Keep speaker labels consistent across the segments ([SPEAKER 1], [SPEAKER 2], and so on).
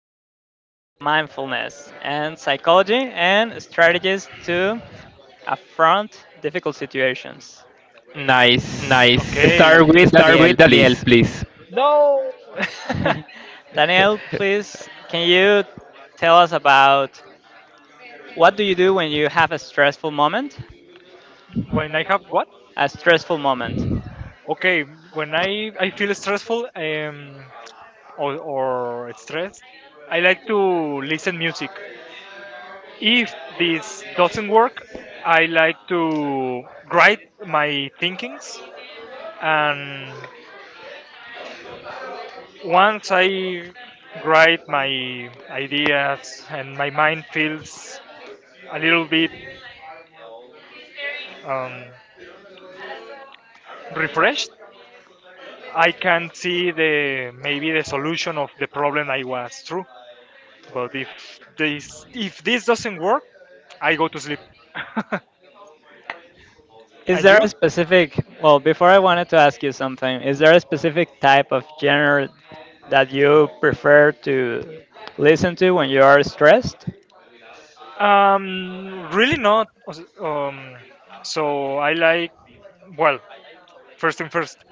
[SPEAKER 1] talk about mindfulness and psychology and strategies to affront difficult situations.
[SPEAKER 2] Nice.
[SPEAKER 3] Okay,
[SPEAKER 2] Start with
[SPEAKER 3] okay.
[SPEAKER 2] Daniel, please.
[SPEAKER 3] No.
[SPEAKER 1] Daniel, please, can you tell us about what do you do when you have a stressful moment?
[SPEAKER 3] When I have what?
[SPEAKER 1] A stressful moment.
[SPEAKER 3] Okay, when I feel stressful or stressed, I like to listen music. If this doesn't work, I like to write my thinkings and once I write my ideas and my mind feels a little bit um, refreshed, I can see the maybe the solution of the problem I was through. But if this doesn't work, I go to sleep.
[SPEAKER 1] Is
[SPEAKER 3] And
[SPEAKER 1] there
[SPEAKER 3] you?
[SPEAKER 1] a specific, well, before I wanted to ask you something, is there a specific type of genre that you prefer to listen to when you are stressed?
[SPEAKER 3] Really not. Um, so I like well, first thing first,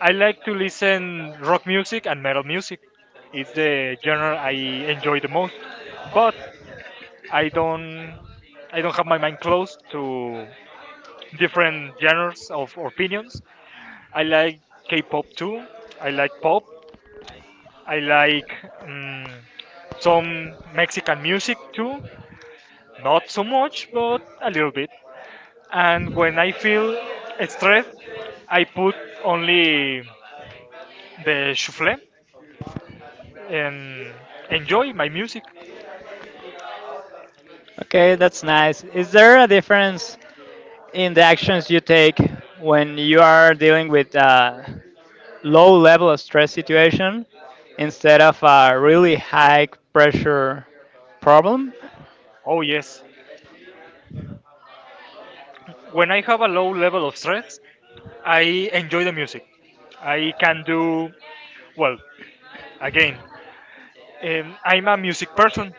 [SPEAKER 3] I like to listen rock music and metal music. It's the genre I enjoy the most. But I don't I don't have my mind closed to different genres of opinions. I like K-pop too. I like pop. I like um, some Mexican music too. Not so much, but a little bit. And when I feel stressed, I put only the shuffle and enjoy my music.
[SPEAKER 1] Okay, that's nice. Is there a difference in the actions you take when you are dealing with a low level of stress situation instead of a really high pressure problem?
[SPEAKER 3] Oh yes. When I have a low level of stress, I enjoy the music. I can do well. Again, I'm a music person.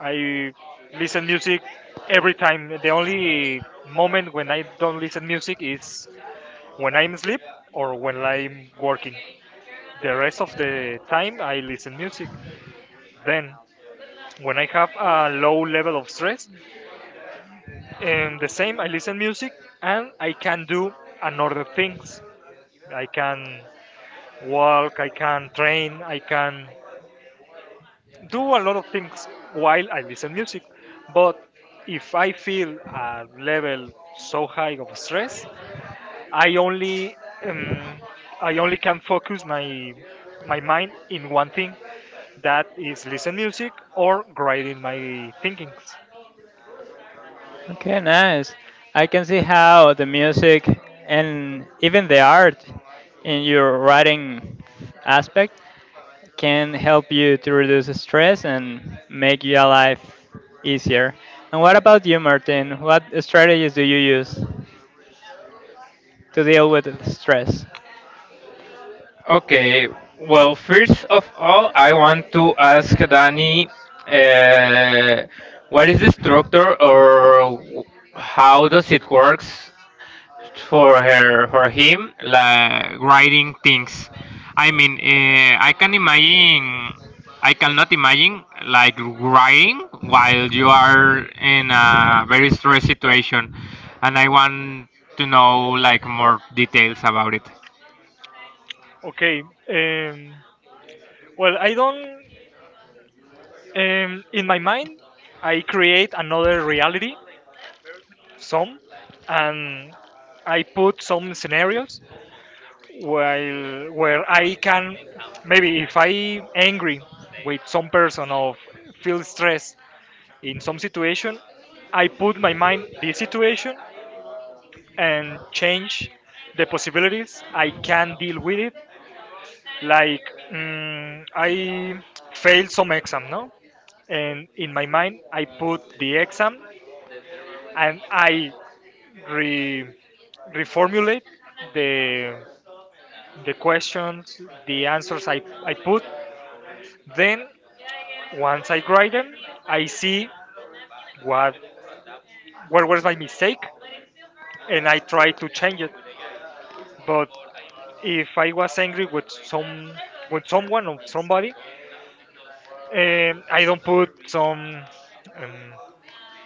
[SPEAKER 3] I listen music every time. The only moment when I don't listen music is when I'm asleep or when I'm working. The rest of the time I listen music. Then when I have a low level of stress, and the same I listen music and I can do another things. I can walk, I can train, I can do a lot of things while I listen music. But if I feel a level so high of stress, I only um, I only can focus my mind in one thing that is listen music or grading my thinkings.
[SPEAKER 1] Okay, nice. I can see how the music and even the art in your writing aspect can help you to reduce stress and make your life easier. And what about you, Martin? What strategies do you use to deal with stress?
[SPEAKER 2] Okay. Well, first of all, I want to ask Dani, uh, what is the structure or w- how does it works for him like writing things. I mean I cannot imagine like writing while you are in a very stressed situation, and I want to know like more details about it.
[SPEAKER 3] Okay. Well, I don't. In my mind, I create another reality, some, and I put some scenarios while where I can maybe if I angry with some person or feel stress in some situation, I put my mind this situation and change the possibilities I can deal with it. Like I failed some exam, no, and in my mind I put the exam and I re reformulate the the questions, the answers I put. Then once I write them, I see what where was my mistake, and I try to change it. But if I was angry with some with someone or somebody, I don't put some um,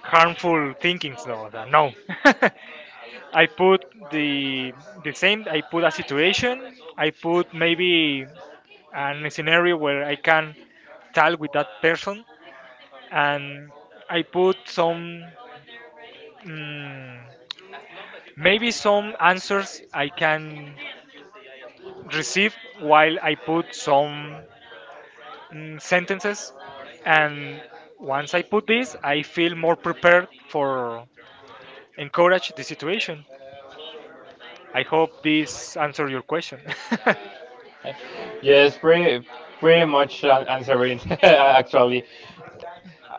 [SPEAKER 3] harmful thinkings. No, no. I put the the same. I put a situation. I put maybe an scenario where I can tell with that person, and I put some. mm Maybe some answers I can receive while I put some sentences. And once I put this, I feel more prepared for encourage the situation. I hope this answer your question.
[SPEAKER 2] Yes, pretty much answering actually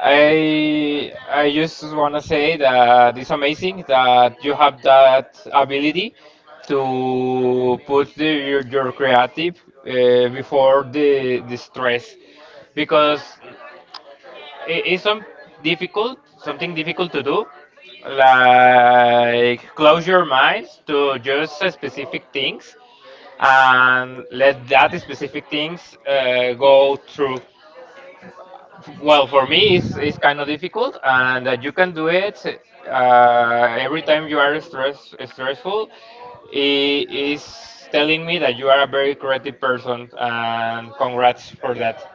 [SPEAKER 2] I just want to say that it's amazing that you have that ability to put your creative before the stress, because it's difficult something difficult to do, like close your minds to just specific things and let that specific things go through. Well, for me, it's kind of difficult, and that you can do it uh, every time you are stressful. It is telling me that you are a very creative person, and congrats for that.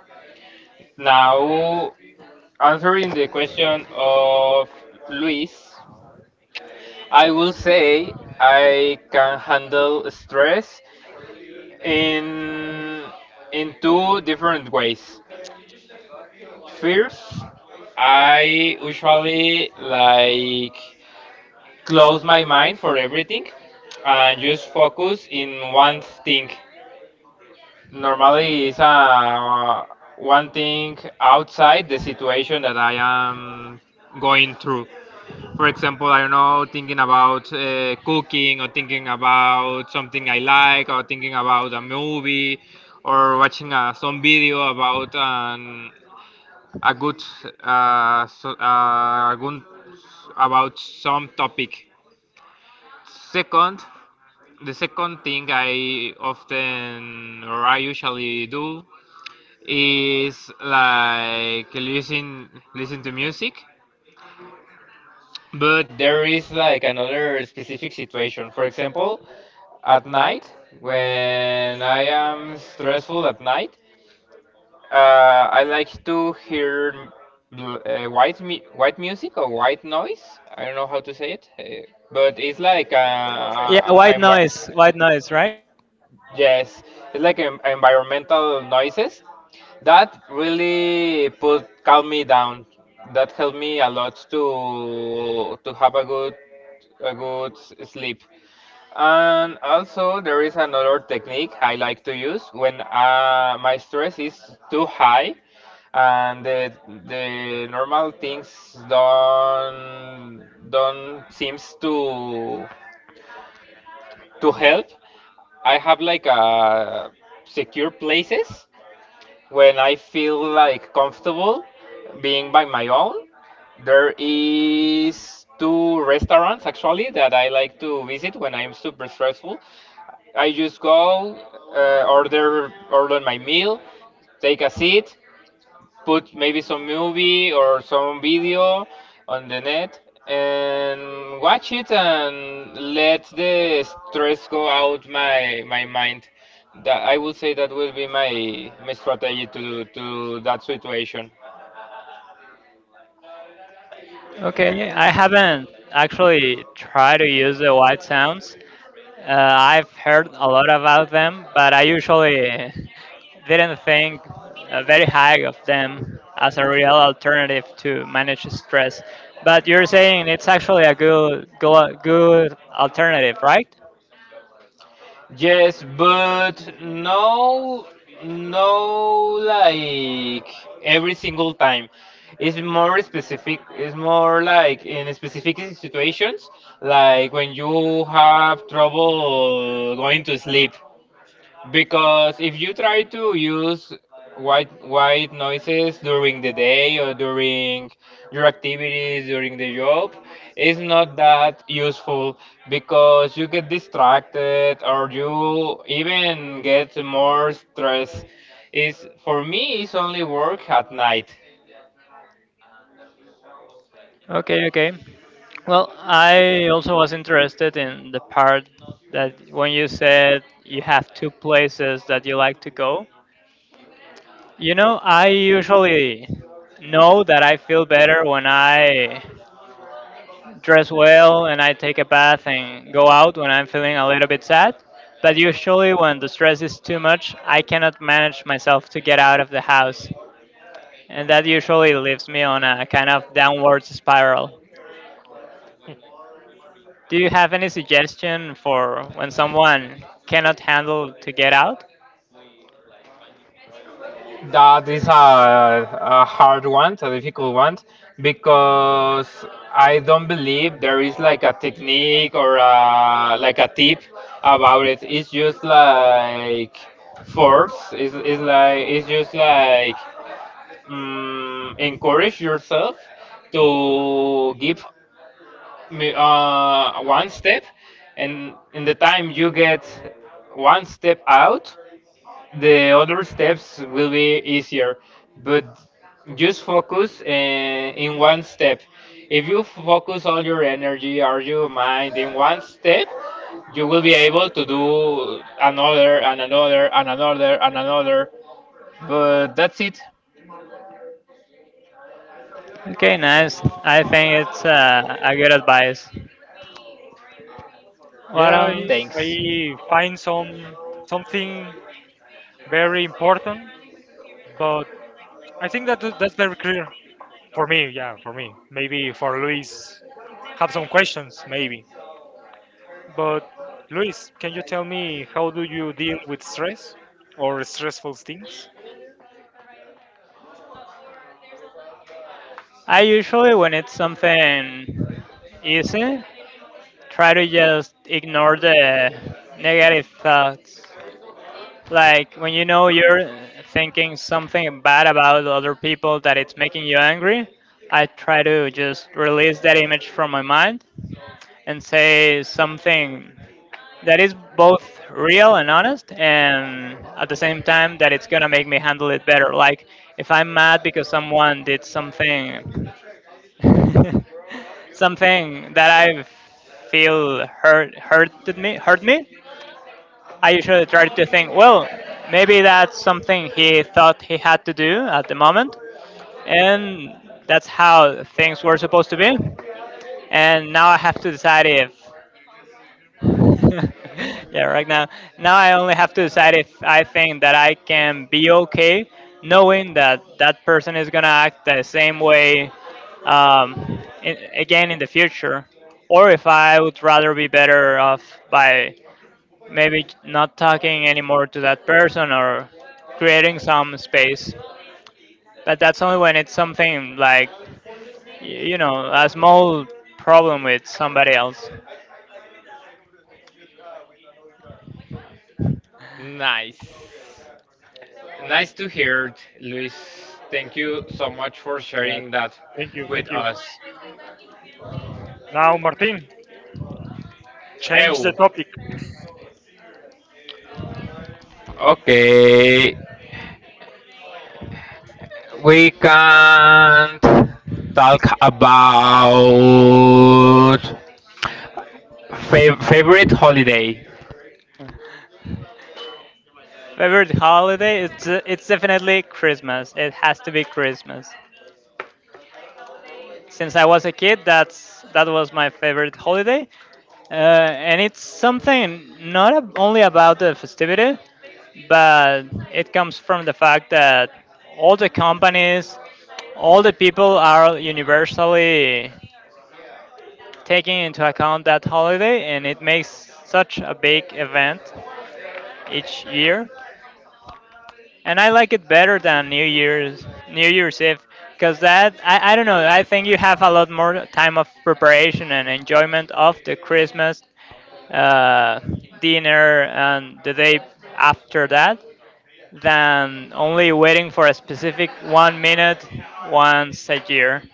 [SPEAKER 2] Now, answering the question of Luis, I will say I can handle stress in in two different ways. First, I usually like close my mind for everything and just focus in one thing. Normally, it's one thing outside the situation that I am going through. For example, I don't know, thinking about cooking, or thinking about something I like, or thinking about a movie, or watching some video about an a good about some topic. Second, the second thing I often or I usually do is like listen to music. But there is like another specific situation. For example, at night, when I am stressful at night, I like to hear white white music or white noise. I don't know how to say it, but it's like
[SPEAKER 1] Yeah, white noise, right?
[SPEAKER 2] yes, it's like environmental noises that really put calm me down. That helped me a lot to have a good sleep. And also, there is another technique I like to use when my stress is too high and the normal things don't seems to help. I have like a secure places when I feel like comfortable being by my own. There is two restaurants actually that I like to visit when I'm super stressful. I just go, order my meal, take a seat, put maybe some movie or some video on the net and watch it and let the stress go out my mind. That I would say that will be my strategy to that situation.
[SPEAKER 1] Okay, I haven't actually tried to use the white sounds. Uh, I've heard a lot about them, but I usually didn't think very high of them as a real alternative to manage stress. But you're saying it's actually a good, good, good alternative, right?
[SPEAKER 2] Yes, but no, no, like every single time. It's more specific. It's more like in specific situations, like when you have trouble going to sleep. Because if you try to use white noises during the day, or during your activities during the job, it's not that useful because you get distracted or you even get more stress. Is for me, it's only work at night.
[SPEAKER 1] Okay, okay. Well, I also was interested in the part that when you said you have two places that you like to go. You know, I usually know that I feel better when I dress well and I take a bath and go out when I'm feeling a little bit sad. But usually, when the stress is too much, I cannot manage myself to get out of the house. And that usually leaves me on a kind of downward spiral. Do you have any suggestion for when someone cannot handle to get out?
[SPEAKER 2] That is a hard one, a difficult one, because I don't believe there is like a technique or like a tip about it. It's just like force. It's like it's just like encourage yourself to give me, one step, and in the time you get one step out, the other steps will be easier, but just focus in one step. If you focus all your energy or your mind in one step, you will be able to do another and another and another and another, but that's it.
[SPEAKER 1] Okay, nice. I think it's a good advice. What
[SPEAKER 3] yeah,
[SPEAKER 1] else?
[SPEAKER 3] I,
[SPEAKER 2] Thanks.
[SPEAKER 3] I find some something very important, but I think that that's very clear for me. Yeah, for me. Maybe for Luis, have some questions. Maybe. But Luis, can you tell me how do you deal with stress or stressful things?
[SPEAKER 1] I usually, when it's something easy, try to just ignore the negative thoughts. Like when you know you're thinking something bad about other people that it's making you angry, I try to just release that image from my mind and say something that is both real and honest and at the same time that it's going to make me handle it better. Like if I'm mad because someone did something, something that I feel hurt me. I usually try to think, well, maybe that's something he thought he had to do at the moment, and that's how things were supposed to be. And now I have to decide if, yeah, right now. Now I only have to decide if I think that I can be okay knowing that that person is going to act the same way, again in the future. Or if I would rather be better off by maybe not talking anymore to that person or creating some space. But that's only when it's something like, a small problem with somebody else.
[SPEAKER 2] Nice to hear it, Luis. Thank you so much for
[SPEAKER 3] Yeah,
[SPEAKER 2] sharing that
[SPEAKER 3] thank
[SPEAKER 2] with
[SPEAKER 3] you.
[SPEAKER 2] us.
[SPEAKER 3] Now, Martin, change the
[SPEAKER 2] Ew.
[SPEAKER 3] topic.
[SPEAKER 2] Okay, we can talk about favorite holiday.
[SPEAKER 1] Favorite holiday? It's definitely Christmas. It has to be Christmas. Since I was a kid, that was my favorite holiday, and it's something not only about the festivity, but it comes from the fact that all the companies, all the people are universally taking into account that holiday, and it makes such a big event each year. And I like it better than New Year's Eve, because that I don't know, I think you have a lot more time of preparation and enjoyment of the Christmas uh, dinner and the day after that than only waiting for a specific 1 minute once a year.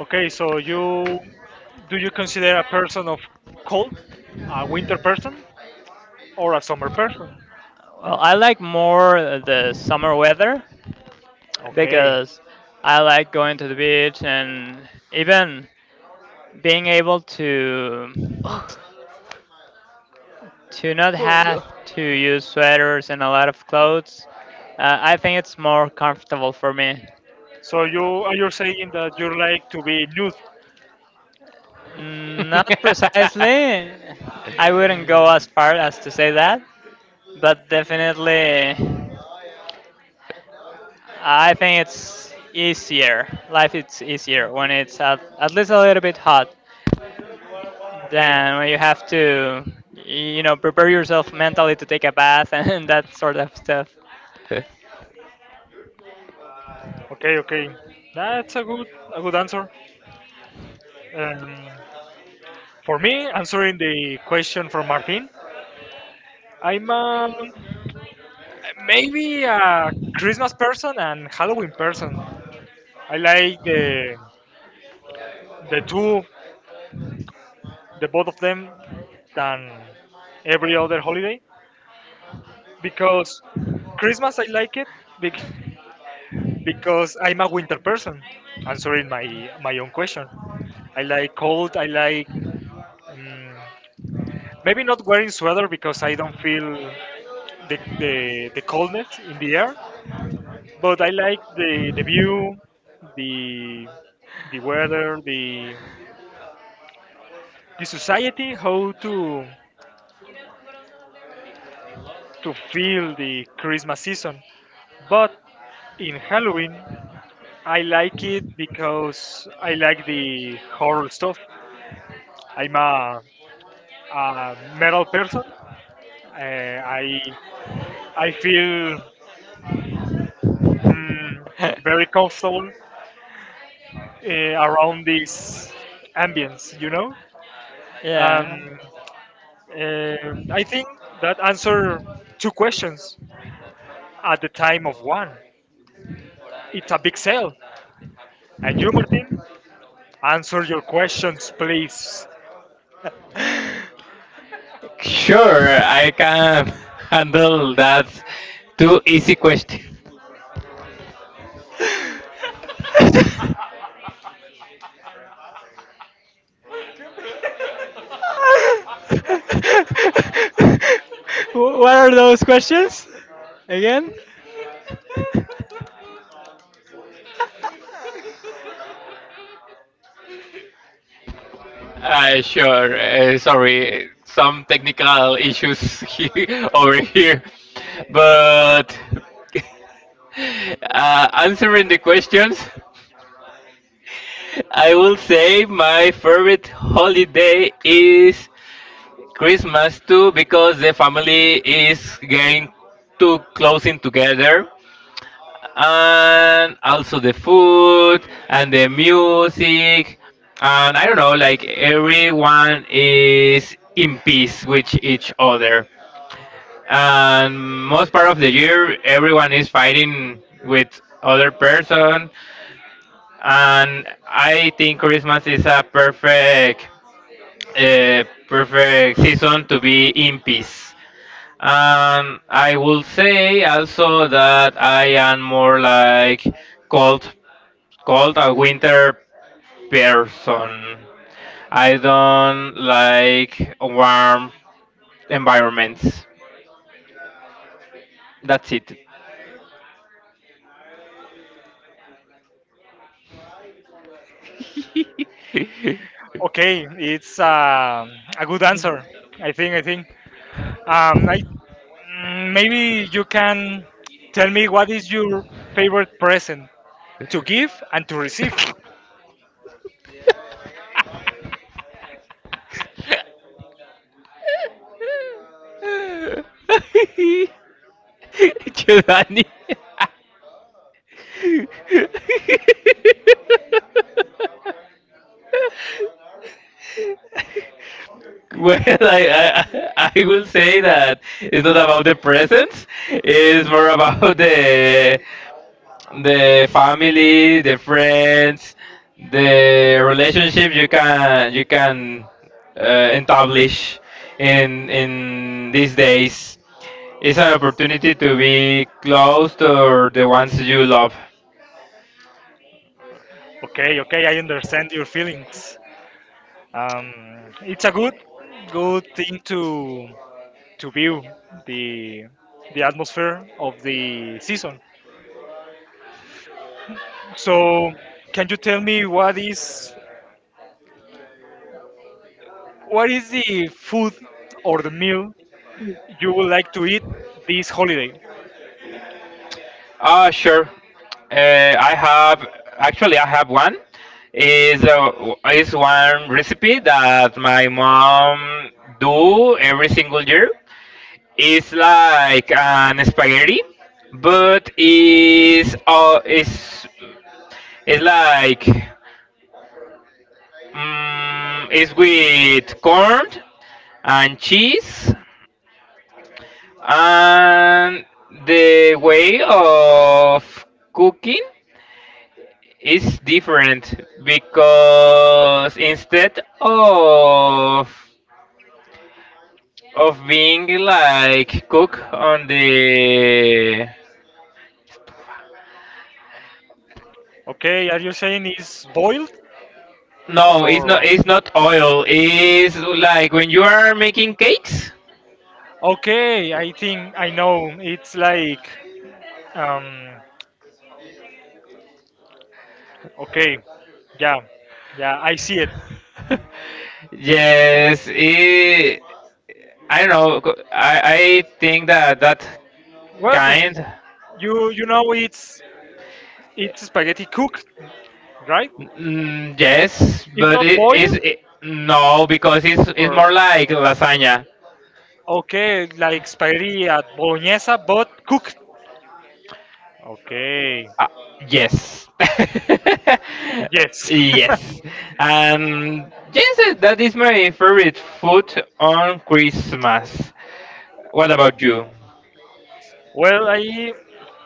[SPEAKER 3] Okay, so you do you consider a person of cold, a winter person, or a summer person?
[SPEAKER 1] Well, I like more the summer weather
[SPEAKER 3] Okay,
[SPEAKER 1] because I like going to the beach and even being able to not have to use sweaters and a lot of clothes. I think it's more comfortable for me.
[SPEAKER 3] so you saying that you like to be nude?
[SPEAKER 1] Not precisely. I wouldn't go as far as to say that, but definitely, I think it's easier. Life is easier when it's at least a little bit hot
[SPEAKER 3] Okay,
[SPEAKER 1] than when you have to, prepare yourself mentally to take a bath and that sort of stuff.
[SPEAKER 3] okay. That's a good answer. Um, for me, answering the question from Martin, I'm a maybe a Christmas person and Halloween person. I like the two, the both of them, than every other holiday because Christmas I like it bec- because I'm a winter person. Answering my own question, I like cold. I like um, maybe not wearing sweater because I don't feel the coldness in the air. But I like the view, the the weather, the society how to feel the Christmas season. But in Halloween, I like it because I like the horror stuff. I'm a, a metal person. Uh, I I feel mm, very comfortable around this ambience, you know. Um,
[SPEAKER 1] Yeah.
[SPEAKER 3] I think that answer two questions at the time of one. It's a big sale. And you, Martin? Answer your questions, please.
[SPEAKER 2] Sure, I can handle that. Too easy question.
[SPEAKER 1] What are those questions again?
[SPEAKER 2] Sure. Sorry, some technical issues over here, but answering the questions, I will say my favorite holiday is Christmas too, because the family is getting too close in together, and also the food and the music, and I don't know, like everyone is in peace with each other, and most part of the year everyone is fighting with other person, and I think Christmas is a uh, perfect season to be in peace. And I will say also that I am more like cold, cold a winter person. I don't like warm environments. That's it.
[SPEAKER 3] Okay, it's a good answer. I think. I think. Um, I, maybe you can tell me what is your favorite present to give and to receive.
[SPEAKER 2] Well, I will say that it's not about the present. It's more about the family, the friends, the relationship you can establish in these days. It's an opportunity to be close to the ones you love.
[SPEAKER 3] Okay. Okay. I understand your feelings. It's a good, good thing to view the the atmosphere of the season. So, can you tell me what is the food or the meal you would like to eat this holiday.
[SPEAKER 2] Ah, sure. I have actually I have one. Is a is one recipe that my mom do every single year. It's like an spaghetti, but it's like it's with corn and cheese, and the way of cooking is different because instead of being like cook on the.
[SPEAKER 3] Okay, are you saying it's boiled
[SPEAKER 2] No, it's not.
[SPEAKER 3] or?
[SPEAKER 2] It's not oil. It's like when you are making cakes.
[SPEAKER 3] Okay, I think I know. It's like, um, okay, yeah, yeah, I see it.
[SPEAKER 2] Yes, it, I don't know. I think that that
[SPEAKER 3] Well, pues,
[SPEAKER 2] kind.
[SPEAKER 3] you know it's spaghetti cooked, right?
[SPEAKER 2] Mm, yes,
[SPEAKER 3] It's
[SPEAKER 2] but
[SPEAKER 3] not
[SPEAKER 2] it is
[SPEAKER 3] boiled
[SPEAKER 2] it, no, because it's
[SPEAKER 3] or
[SPEAKER 2] more like lasagna.
[SPEAKER 3] okay, like spaghetti at bolognese, but cooked. Okay,
[SPEAKER 2] Yes.
[SPEAKER 3] yes.
[SPEAKER 2] Yes. And yes, eh, that is my favorite food on Christmas. What about
[SPEAKER 3] Okay.
[SPEAKER 2] you?
[SPEAKER 3] Well,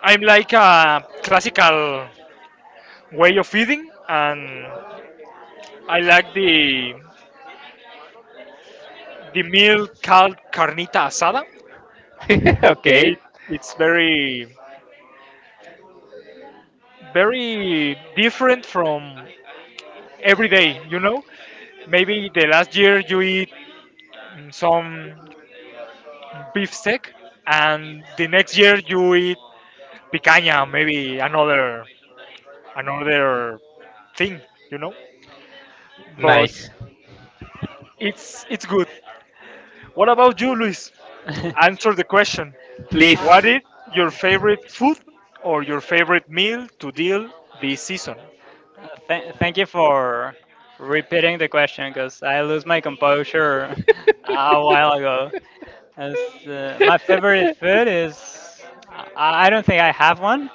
[SPEAKER 3] I'm like a classical way of eating, and I like the meal called carnita asada.
[SPEAKER 2] Okay.
[SPEAKER 3] It it's very very different from every day. You know, maybe the last year you eat some beef steak, and the next year you eat picanha, maybe another thing. You know, but
[SPEAKER 2] Nice.
[SPEAKER 3] it's good. What about you, Luis? Answer the question. What
[SPEAKER 2] Please.
[SPEAKER 3] is your favorite food or your favorite meal to deal this season?
[SPEAKER 1] Thank you for repeating the question because I lose my composure a while ago. My favorite food is, I don't think I have one,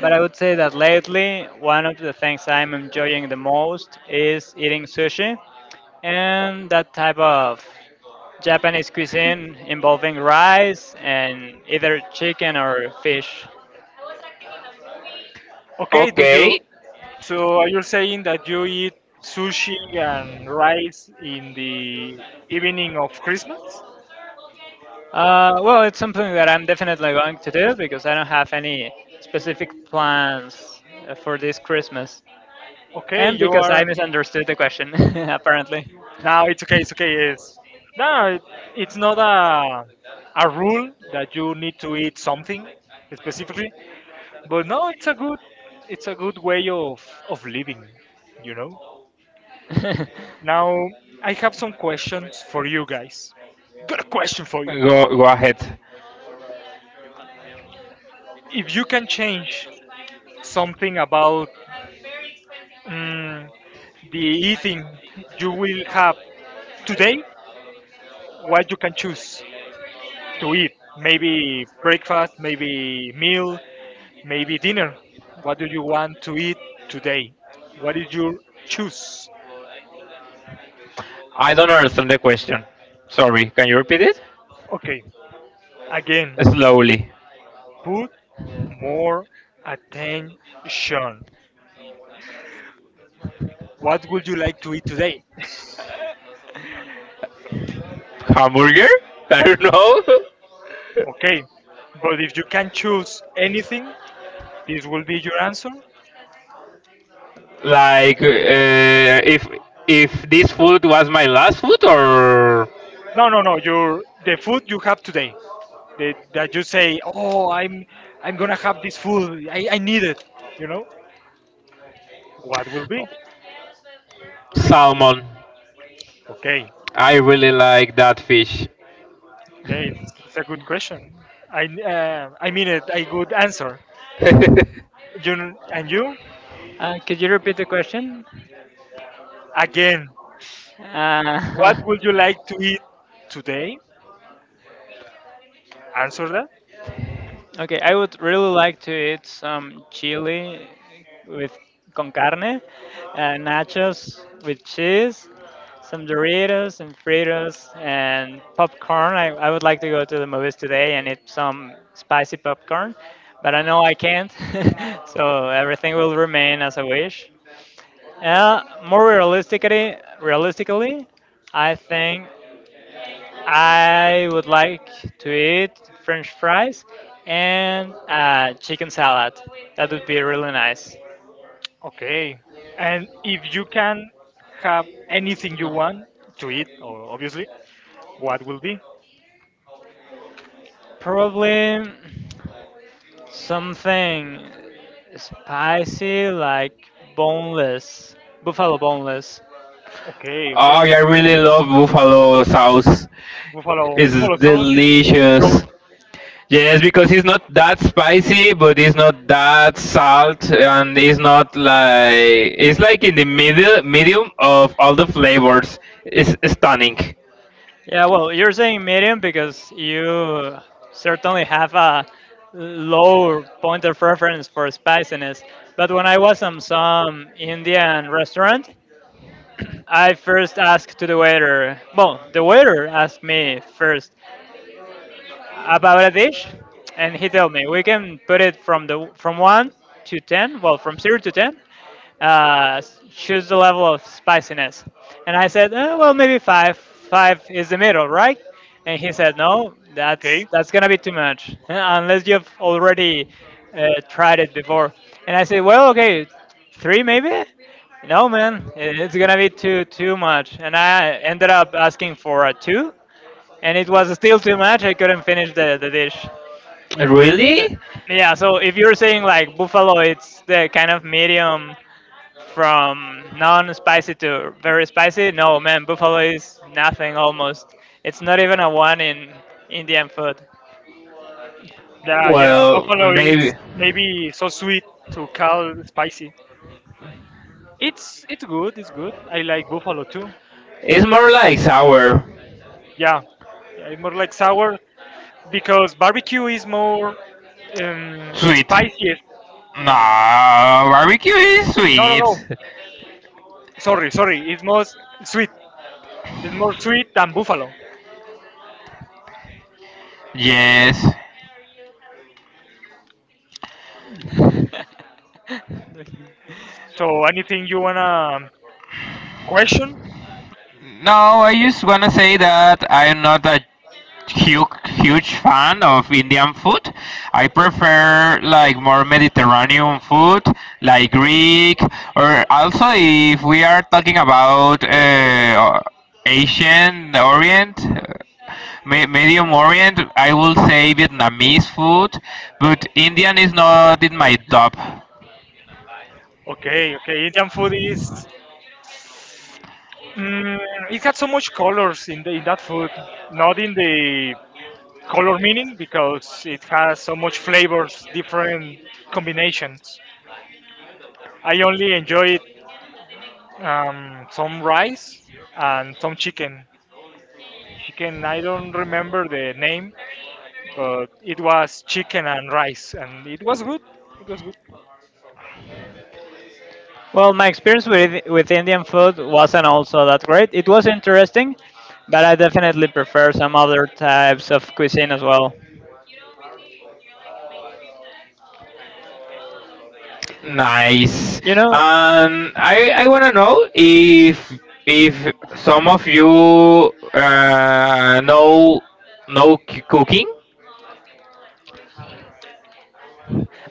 [SPEAKER 1] but I would say that lately one of the things I'm enjoying the most is eating sushi and that type of Japanese cuisine involving rice and either chicken or fish.
[SPEAKER 3] Okay, do
[SPEAKER 2] Okay.
[SPEAKER 3] you so are you saying that you eat sushi and rice in the evening of Christmas?
[SPEAKER 1] Well, it's something that I'm definitely going to do because I don't have any specific plans for this Christmas.
[SPEAKER 3] Okay,
[SPEAKER 1] And
[SPEAKER 3] you
[SPEAKER 1] because I
[SPEAKER 3] are
[SPEAKER 1] misunderstood the question, apparently.
[SPEAKER 3] now it's okay, yes. No, it, it's not a rule that you need to eat something specifically, but no, it's a good way of living, you know? Now, I have some questions for you guys. Got a question for you.
[SPEAKER 2] Go ahead.
[SPEAKER 3] If you can change something about mm, the eating you will have today, what you can choose to eat? Maybe breakfast, maybe meal, maybe dinner. What do you want to eat today? What is your choose?
[SPEAKER 2] I don't understand the question. Sorry. Can you repeat it?
[SPEAKER 3] Okay, again,
[SPEAKER 2] Slowly.
[SPEAKER 3] put more attention. What would you like to eat today?
[SPEAKER 2] Hamburger? I don't know.
[SPEAKER 3] Okay, but if you can choose anything, this will be your answer.
[SPEAKER 2] Like if this food was my last food, or
[SPEAKER 3] No, No. Your the food you have today that, that you say, oh, I'm gonna have this food. I need it. You know what will be?
[SPEAKER 2] salmon.
[SPEAKER 3] Okay,
[SPEAKER 2] I really like that fish.
[SPEAKER 3] okay. It's a good question. I mean it. A good answer.
[SPEAKER 2] Oh,
[SPEAKER 3] And you
[SPEAKER 1] Could you repeat the question?
[SPEAKER 3] again.
[SPEAKER 1] Uh,
[SPEAKER 3] What would you like to eat today? Answer that.
[SPEAKER 1] Okay, I would really like to eat some chili with con carne, nachos with cheese, some Doritos and Fritos and popcorn. I would like to go to the movies today and eat some spicy popcorn, but I know I can't, so everything will remain as I wish. More realistically, I think I would like to eat French fries and chicken salad. That would be really nice.
[SPEAKER 3] Okay. And if you can have anything you
[SPEAKER 1] No,
[SPEAKER 3] want to eat, obviously, what will be?
[SPEAKER 1] probably, something spicy like boneless, buffalo boneless.
[SPEAKER 3] Okay, okay.
[SPEAKER 2] yeah, I
[SPEAKER 3] Uh,
[SPEAKER 2] really love buffalo sauce. It's
[SPEAKER 3] Buffalo sauce is the goat.
[SPEAKER 2] delicious. Yes, because it's not that spicy, but it's not that salt, and it's not like, it's like in the middle medium of all the flavors. It's stunning.
[SPEAKER 1] Yeah, well, you're saying medium because you certainly have a lower point of reference for spiciness. But when I was in some Indian restaurant, I first asked to the waiter. Well, the waiter asked me first, about a dish, and he told me we can put it from one to ten. Well, from zero to ten, choose the level of spiciness. And I said, " well, maybe five. Five is the middle, right? And he said, no, that's
[SPEAKER 3] Okay.
[SPEAKER 1] that's gonna be too much, unless you've already tried it before. And I said, well, okay, three maybe. No, man, it's gonna be too much. And I ended up asking for a two, and it was still too much. I couldn't finish the dish.
[SPEAKER 2] Really?
[SPEAKER 1] Yeah, so if you're saying like buffalo, it's the kind of medium from non-spicy to very spicy. No, man, buffalo is nothing almost. It's not even a one in Indian food.
[SPEAKER 3] Yeah, yeah.
[SPEAKER 2] Well,
[SPEAKER 3] Buffalo
[SPEAKER 2] maybe
[SPEAKER 3] is maybe so sweet to call spicy. It's good. It's good. I like buffalo too.
[SPEAKER 2] it's more like sour,
[SPEAKER 3] Yeah, yeah. It's more like sour because barbecue is more
[SPEAKER 2] sweet.
[SPEAKER 3] spicy.
[SPEAKER 2] No,
[SPEAKER 3] La
[SPEAKER 2] barbecue is
[SPEAKER 3] no no
[SPEAKER 2] sweet.
[SPEAKER 3] no. Sorry. It's more sweet. It's more sweet than buffalo.
[SPEAKER 2] Yes.
[SPEAKER 3] So anything you wanna question?
[SPEAKER 2] No, I just wanna say that I'm not a huge fan of Indian food. I prefer like more Mediterranean food, like Greek, or also if we are talking about Asian Orient, Medium Orient, I will say Vietnamese food, but Indian is not in my top.
[SPEAKER 3] Okay, okay. Indian food is Mm, it had so much colors in in that food, not in the color meaning because it has so much flavors, different combinations. I only enjoyed some rice and some chicken. Chicken, I don't remember the name, but it was chicken and rice, and it was good. It was good.
[SPEAKER 1] Well, my experience with Indian food wasn't also that great. It was interesting, but I definitely prefer some other types of cuisine as well.
[SPEAKER 2] Nice.
[SPEAKER 1] You know,
[SPEAKER 2] I want to know if if some of you uh, know know cooking,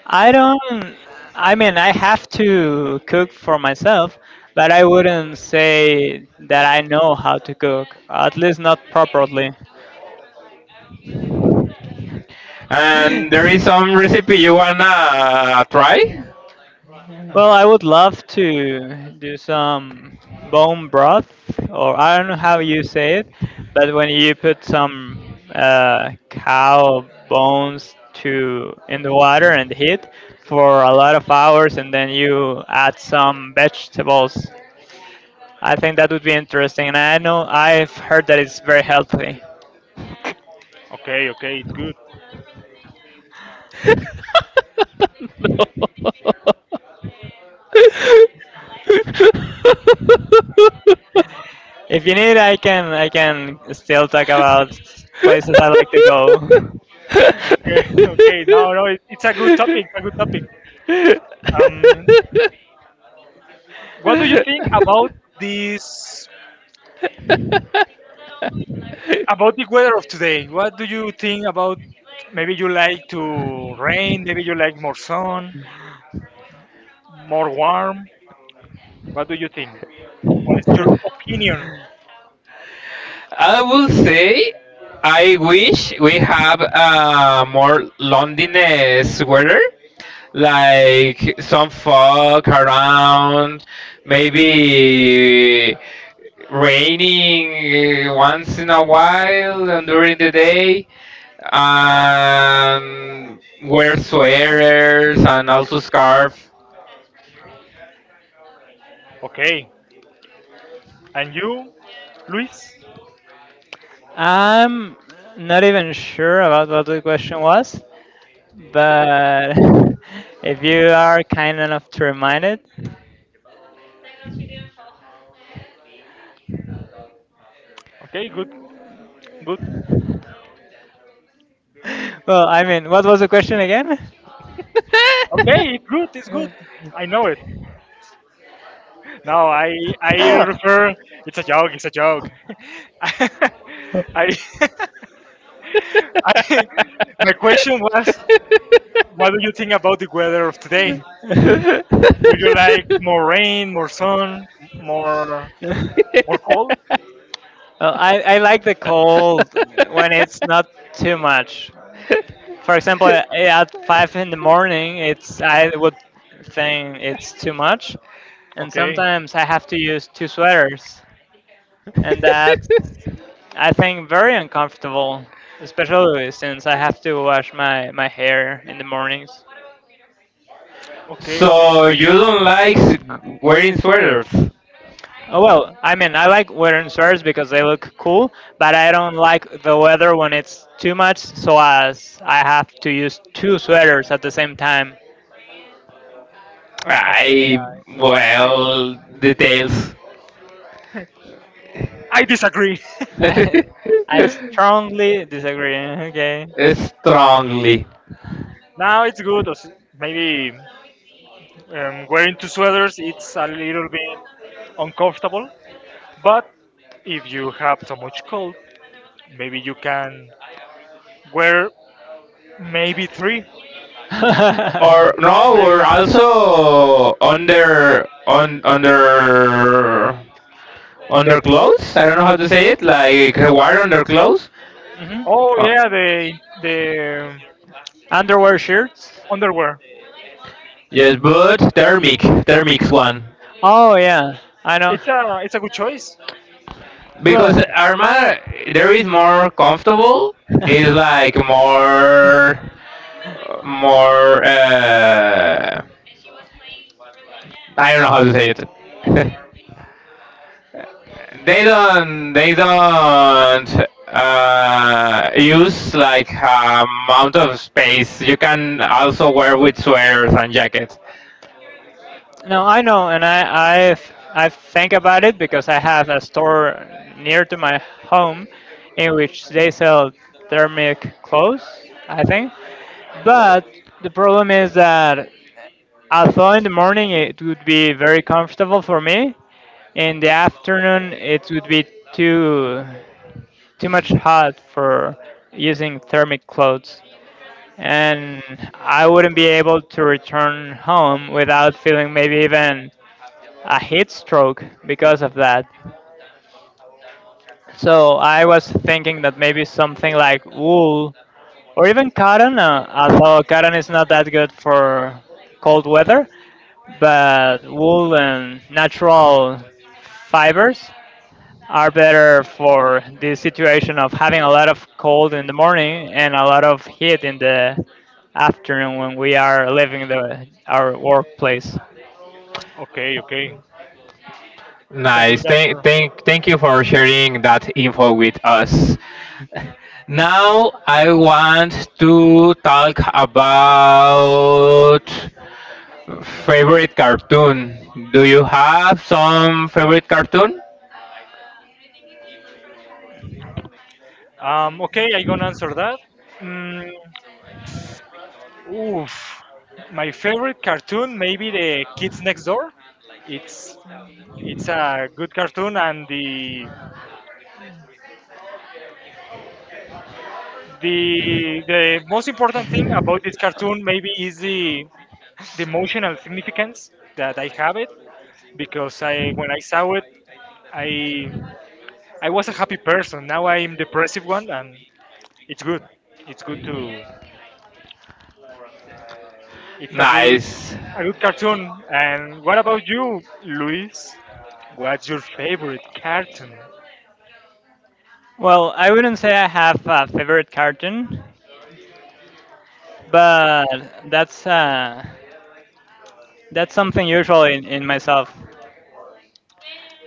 [SPEAKER 1] I don't. I mean, I have to cook for myself, but I wouldn't say that I know how to cook. At least not properly.
[SPEAKER 2] and there is some recipe you wanna try.
[SPEAKER 1] Well, I would love to do some bone broth, or I don't know how you say it, but when you put some cow bones to in the water and heat for a lot of hours, and then you add some vegetables. I think that would be interesting, and I know I've heard that it's very healthy.
[SPEAKER 3] Okay, okay, it's good.
[SPEAKER 1] If you need, I can still talk about places I like to go.
[SPEAKER 3] Okay, okay. No, no, it, it's a good topic. A good topic. Um, what do you think about this about the weather of today? What do you think about, maybe you like to rain, maybe you like more sun, more warm, what do you think, what is your opinion?
[SPEAKER 2] I will say I wish we have more Londoness weather, like some fog around, maybe raining once in a while and during the day, and wear sweaters and also scarf.
[SPEAKER 3] Okay, and you, Luis?
[SPEAKER 1] I'm not even sure about what the question was, but if you are kind enough to remind it,
[SPEAKER 3] Okay, good, good.
[SPEAKER 1] well, I mean, what was the question again?
[SPEAKER 3] Okay, it's good, it's good. I know it. No, I refer it's a joke, it's a joke. I I I, my question was what do you think about the weather of today? Would you like more rain, more sun, more more cold?
[SPEAKER 1] Well, I like the cold when it's not too much. For example, at 5 in the morning, it's I would think it's too much, and
[SPEAKER 3] Okay,
[SPEAKER 1] sometimes I have to use two sweaters, and that's, I think, very uncomfortable, especially since I have to wash my hair in the mornings.
[SPEAKER 3] okay, okay,
[SPEAKER 2] So you don't like wearing sweaters.
[SPEAKER 1] Oh well, I mean, I like wearing sweaters because they look cool, but I don't like the weather when it's too much, so as I have to use two sweaters at the same time.
[SPEAKER 3] okay.
[SPEAKER 2] I.
[SPEAKER 3] I,
[SPEAKER 2] Well. Details.
[SPEAKER 3] I disagree.
[SPEAKER 1] I, I strongly disagree. Okay.
[SPEAKER 2] Strongly.
[SPEAKER 3] Now it's good. As Maybe wearing two sweaters it's a little bit uncomfortable. But if you have so much cold, maybe you can wear maybe three.
[SPEAKER 1] Hmm.
[SPEAKER 2] Or no,
[SPEAKER 3] Maybe
[SPEAKER 2] or also under on under under clothes? I don't know how to say it, like wear under clothes?
[SPEAKER 3] oh
[SPEAKER 2] Oh,
[SPEAKER 3] yeah, the
[SPEAKER 1] Underwear shirts?
[SPEAKER 3] underwear.
[SPEAKER 2] yes, but thermic's one,
[SPEAKER 1] Oh yeah, I know.
[SPEAKER 3] It's a good choice.
[SPEAKER 1] Well,
[SPEAKER 2] because Arma there is more comfortable. Is like more. I don't know how to say it. They don't. They don't use like amount of space. You can also wear with sweaters and jackets.
[SPEAKER 1] no, I know, and I think about it because I have a store near to my home, in which they sell thermic clothes, I think. But the problem is that although in the morning it would be very comfortable for me, in the afternoon it would be too too much hot for using thermic clothes. And I wouldn't be able to return home without feeling maybe even a heat stroke because of that. So I was thinking that maybe something like wool or even cotton, although cotton is not that good for cold weather, but wool and natural fibers are better for the situation of having a lot of cold in the morning and a lot of heat in the afternoon when we are leaving the our workplace.
[SPEAKER 3] Okay, okay. It's a
[SPEAKER 2] Nice.
[SPEAKER 3] good answer.
[SPEAKER 2] Thank you for sharing that info with us. Now I want to talk about favorite cartoon. Do you have some favorite cartoon?
[SPEAKER 3] Okay, I'm gonna answer that. Mm, oof. My favorite cartoon, maybe the Kids Next Door. It's it's a good cartoon, and the most important thing about this cartoon maybe is the emotional significance that I have it because I when I saw it I I was a happy person. Now I'm depressive one, and it's good. It's good to It's
[SPEAKER 2] Nice.
[SPEAKER 3] a good cartoon. And what about you, Luis? What's your favorite cartoon?
[SPEAKER 1] Well, I wouldn't say I have a favorite cartoon, but that's something usual in myself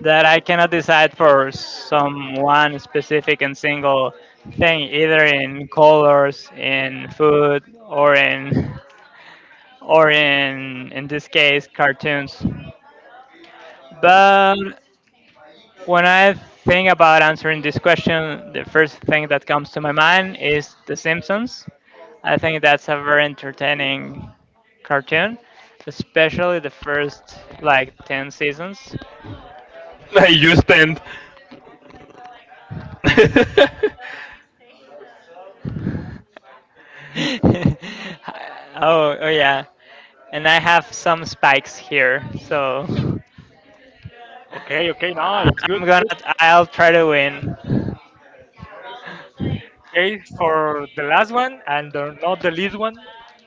[SPEAKER 1] that I cannot decide for some one specific and single thing either in colors, in food, or in this case cartoons. But when I think about answering this question, the first thing that comes to my mind is The Simpsons. I think that's a very entertaining cartoon, especially the first like 10 seasons.
[SPEAKER 2] You stand.
[SPEAKER 1] Oh, oh yeah. And I have some spikes here, so
[SPEAKER 3] Okay, okay, no,
[SPEAKER 1] I-
[SPEAKER 3] it's good,
[SPEAKER 1] I'm
[SPEAKER 3] it's
[SPEAKER 1] gonna
[SPEAKER 3] good.
[SPEAKER 1] I'll try to win.
[SPEAKER 3] Okay, for the last one and the, not the least one.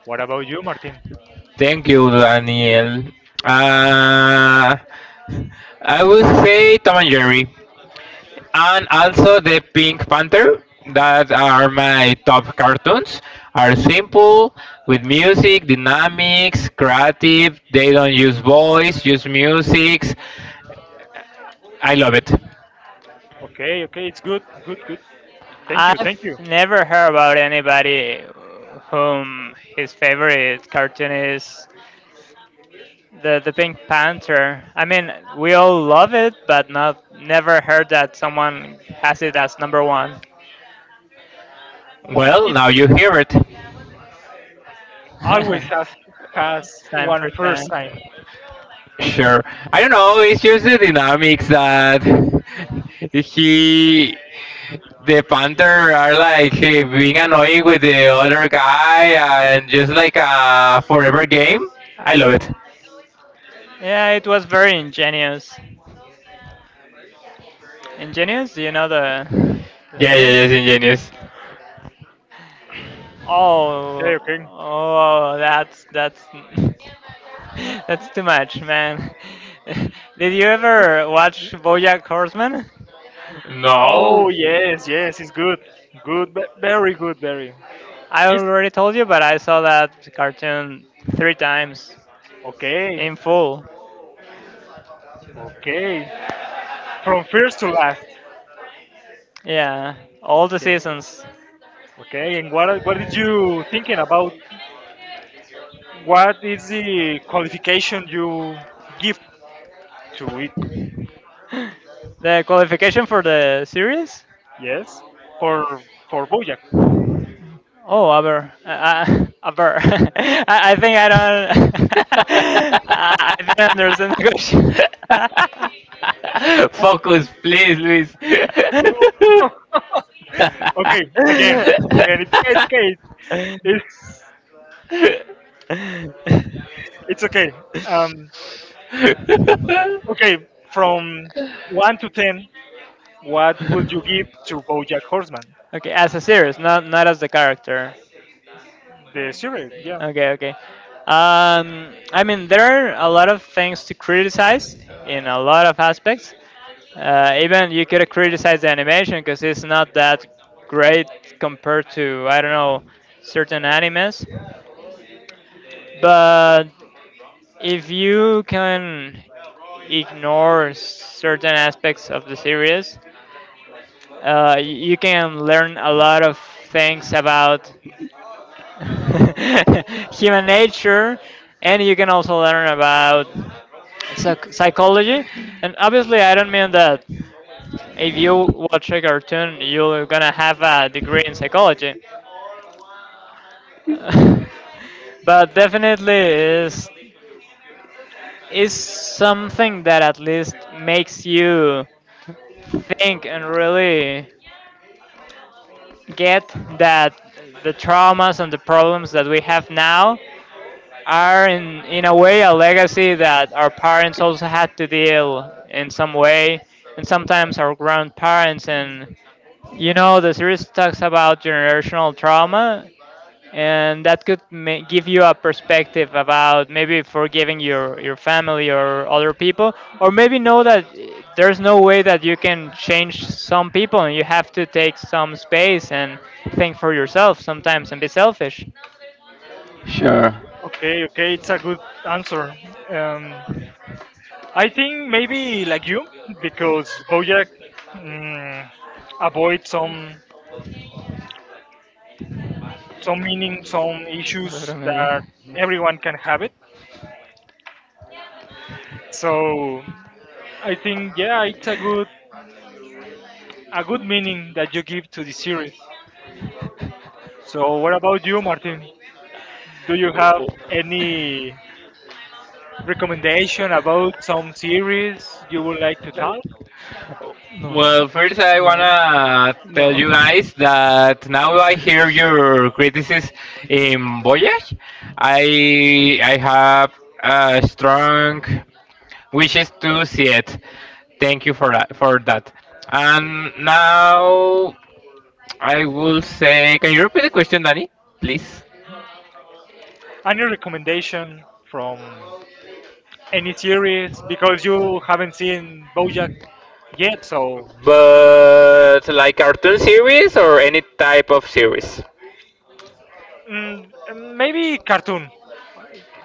[SPEAKER 3] What about you, Martin?
[SPEAKER 2] Thank you, Daniel. Uh, I would say Tom and Jerry, and also the Pink Panther. That are my top cartoons. Are simple, with music, dynamics, creative. They don't use voice, use music. I love it.
[SPEAKER 3] Okay, okay, it's good, good, good.
[SPEAKER 1] I've
[SPEAKER 3] Thank you.
[SPEAKER 1] never heard about anybody whom his favorite cartoon is the Pink Panther. I mean, we all love it, but not never heard that someone has it as number one.
[SPEAKER 3] Mm,
[SPEAKER 2] Well,
[SPEAKER 3] it
[SPEAKER 2] now you hear it.
[SPEAKER 1] Time
[SPEAKER 3] always has one
[SPEAKER 1] for time.
[SPEAKER 3] first time.
[SPEAKER 2] Sure. I don't know. It's just the dynamics that he, the Panther, are like being annoying with the other guy, and just like a forever game. I love it.
[SPEAKER 1] Yeah, it was very ingenious. Ingenious? Do you know the
[SPEAKER 2] Yeah, yeah,
[SPEAKER 1] meaning?
[SPEAKER 2] yeah. It's ingenious.
[SPEAKER 3] Okay,
[SPEAKER 1] Oh,
[SPEAKER 3] okay.
[SPEAKER 1] that's that's too much, man. Did you ever watch BoJack Horseman?
[SPEAKER 2] No.
[SPEAKER 3] Oh yes, yes, it's good, very good, very.
[SPEAKER 1] I
[SPEAKER 3] It's
[SPEAKER 1] already told you, but I saw that cartoon three times
[SPEAKER 3] okay,
[SPEAKER 1] in full.
[SPEAKER 3] okay. From first to last.
[SPEAKER 1] Yeah, all the
[SPEAKER 3] Okay.
[SPEAKER 1] seasons.
[SPEAKER 3] Okay, and what did you thinking about? What is the qualification you give to it?
[SPEAKER 1] The qualification for the series?
[SPEAKER 3] Yes, for for Bojack.
[SPEAKER 1] Oh, I think I don't, I didn't understand the question.
[SPEAKER 2] Focus, please, Luis.
[SPEAKER 3] Oh. Okay, again, it's okay, it's it's okay. Um, okay, from one to ten, what would you give to Bojack Horseman,
[SPEAKER 1] Okay, as a series, not as the character.
[SPEAKER 3] the series? Yeah.
[SPEAKER 1] Okay, okay. I mean, there are a lot of things to criticize in a lot of aspects. Even you could criticize the animation because it's not that great compared to, I don't know, certain animes. But if you can ignore certain aspects of the series, you can learn a lot of things about human nature, and you can also learn about psychology. And obviously, I don't mean that if you watch a cartoon, you're gonna have a degree in psychology. Uh, but definitely is is something that at least makes you think and really get that the traumas and the problems that we have now are in a way a legacy that our parents also had to deal in some way and sometimes our grandparents, and you know the series talks about generational trauma, and that could give you a perspective about maybe forgiving your family or other people, or maybe know that there's no way that you can change some people and you have to take some space and think for yourself sometimes and be selfish.
[SPEAKER 2] Sure.
[SPEAKER 3] Okay, okay, it's a good answer. Um, I think maybe like you, because BoJack mm, avoids some meaning, some
[SPEAKER 1] Pero
[SPEAKER 3] issues
[SPEAKER 1] maybe.
[SPEAKER 3] that everyone can have it. So I think yeah, it's a good meaning that you give to the series. So what about you, Martin? Do you have any recommendation about some series you would like to talk?
[SPEAKER 1] No.
[SPEAKER 2] Well, first I
[SPEAKER 1] No.
[SPEAKER 2] wanna tell
[SPEAKER 1] No.
[SPEAKER 2] you guys that now I hear your criticism in Voyage. I have strong wishes to see it. Thank you for that. For that. And now I will say, can you repeat the question, Danny, please?
[SPEAKER 3] Any recommendation from any series because you haven't seen BoJack yet, so.
[SPEAKER 2] But like cartoon series or any type of series?
[SPEAKER 3] Mm, maybe cartoon.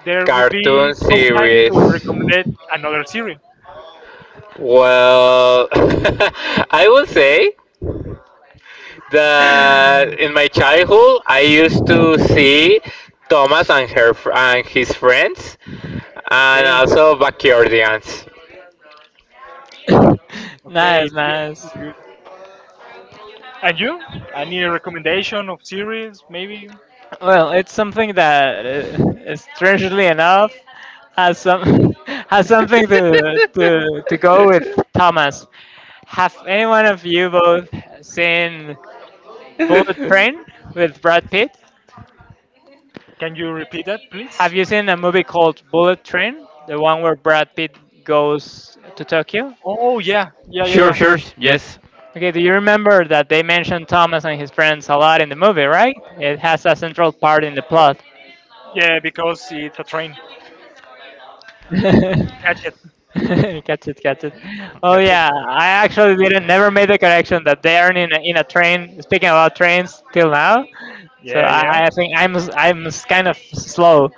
[SPEAKER 3] There will be
[SPEAKER 2] Cartoon
[SPEAKER 3] some time to
[SPEAKER 2] series.
[SPEAKER 3] recommend another series.
[SPEAKER 2] Well, I would say that in my childhood I used to see Thomas and his friends, and
[SPEAKER 3] Okay,
[SPEAKER 2] also Backyardigans.
[SPEAKER 3] okay,
[SPEAKER 1] Nice,
[SPEAKER 3] it's good.
[SPEAKER 1] nice.
[SPEAKER 3] It's good. And you? Any recommendation of series? Maybe
[SPEAKER 1] Well, it's something that, strangely enough, has some has something to go with Thomas. Have any one of you both seen Bullet Train with Brad Pitt?
[SPEAKER 3] can you repeat that,
[SPEAKER 1] Have
[SPEAKER 3] please?
[SPEAKER 1] you seen a movie called Bullet Train, the one where Brad Pitt goes to Tokyo?
[SPEAKER 3] Oh yeah, yeah, yeah,
[SPEAKER 2] Sure,
[SPEAKER 3] yeah,
[SPEAKER 2] sure, yes,
[SPEAKER 1] Okay, do you remember that they mentioned Thomas and his friends a lot in the movie, right? It has a central part in the plot.
[SPEAKER 3] yeah. Because it's a train.
[SPEAKER 1] Catch
[SPEAKER 3] Catch it,
[SPEAKER 1] it, catch it. Oh
[SPEAKER 3] catch it.
[SPEAKER 1] yeah, I actually didn't never made the connection that they are in a train. Speaking about trains till now, so
[SPEAKER 3] Yeah, yeah.
[SPEAKER 1] I think kind of slow,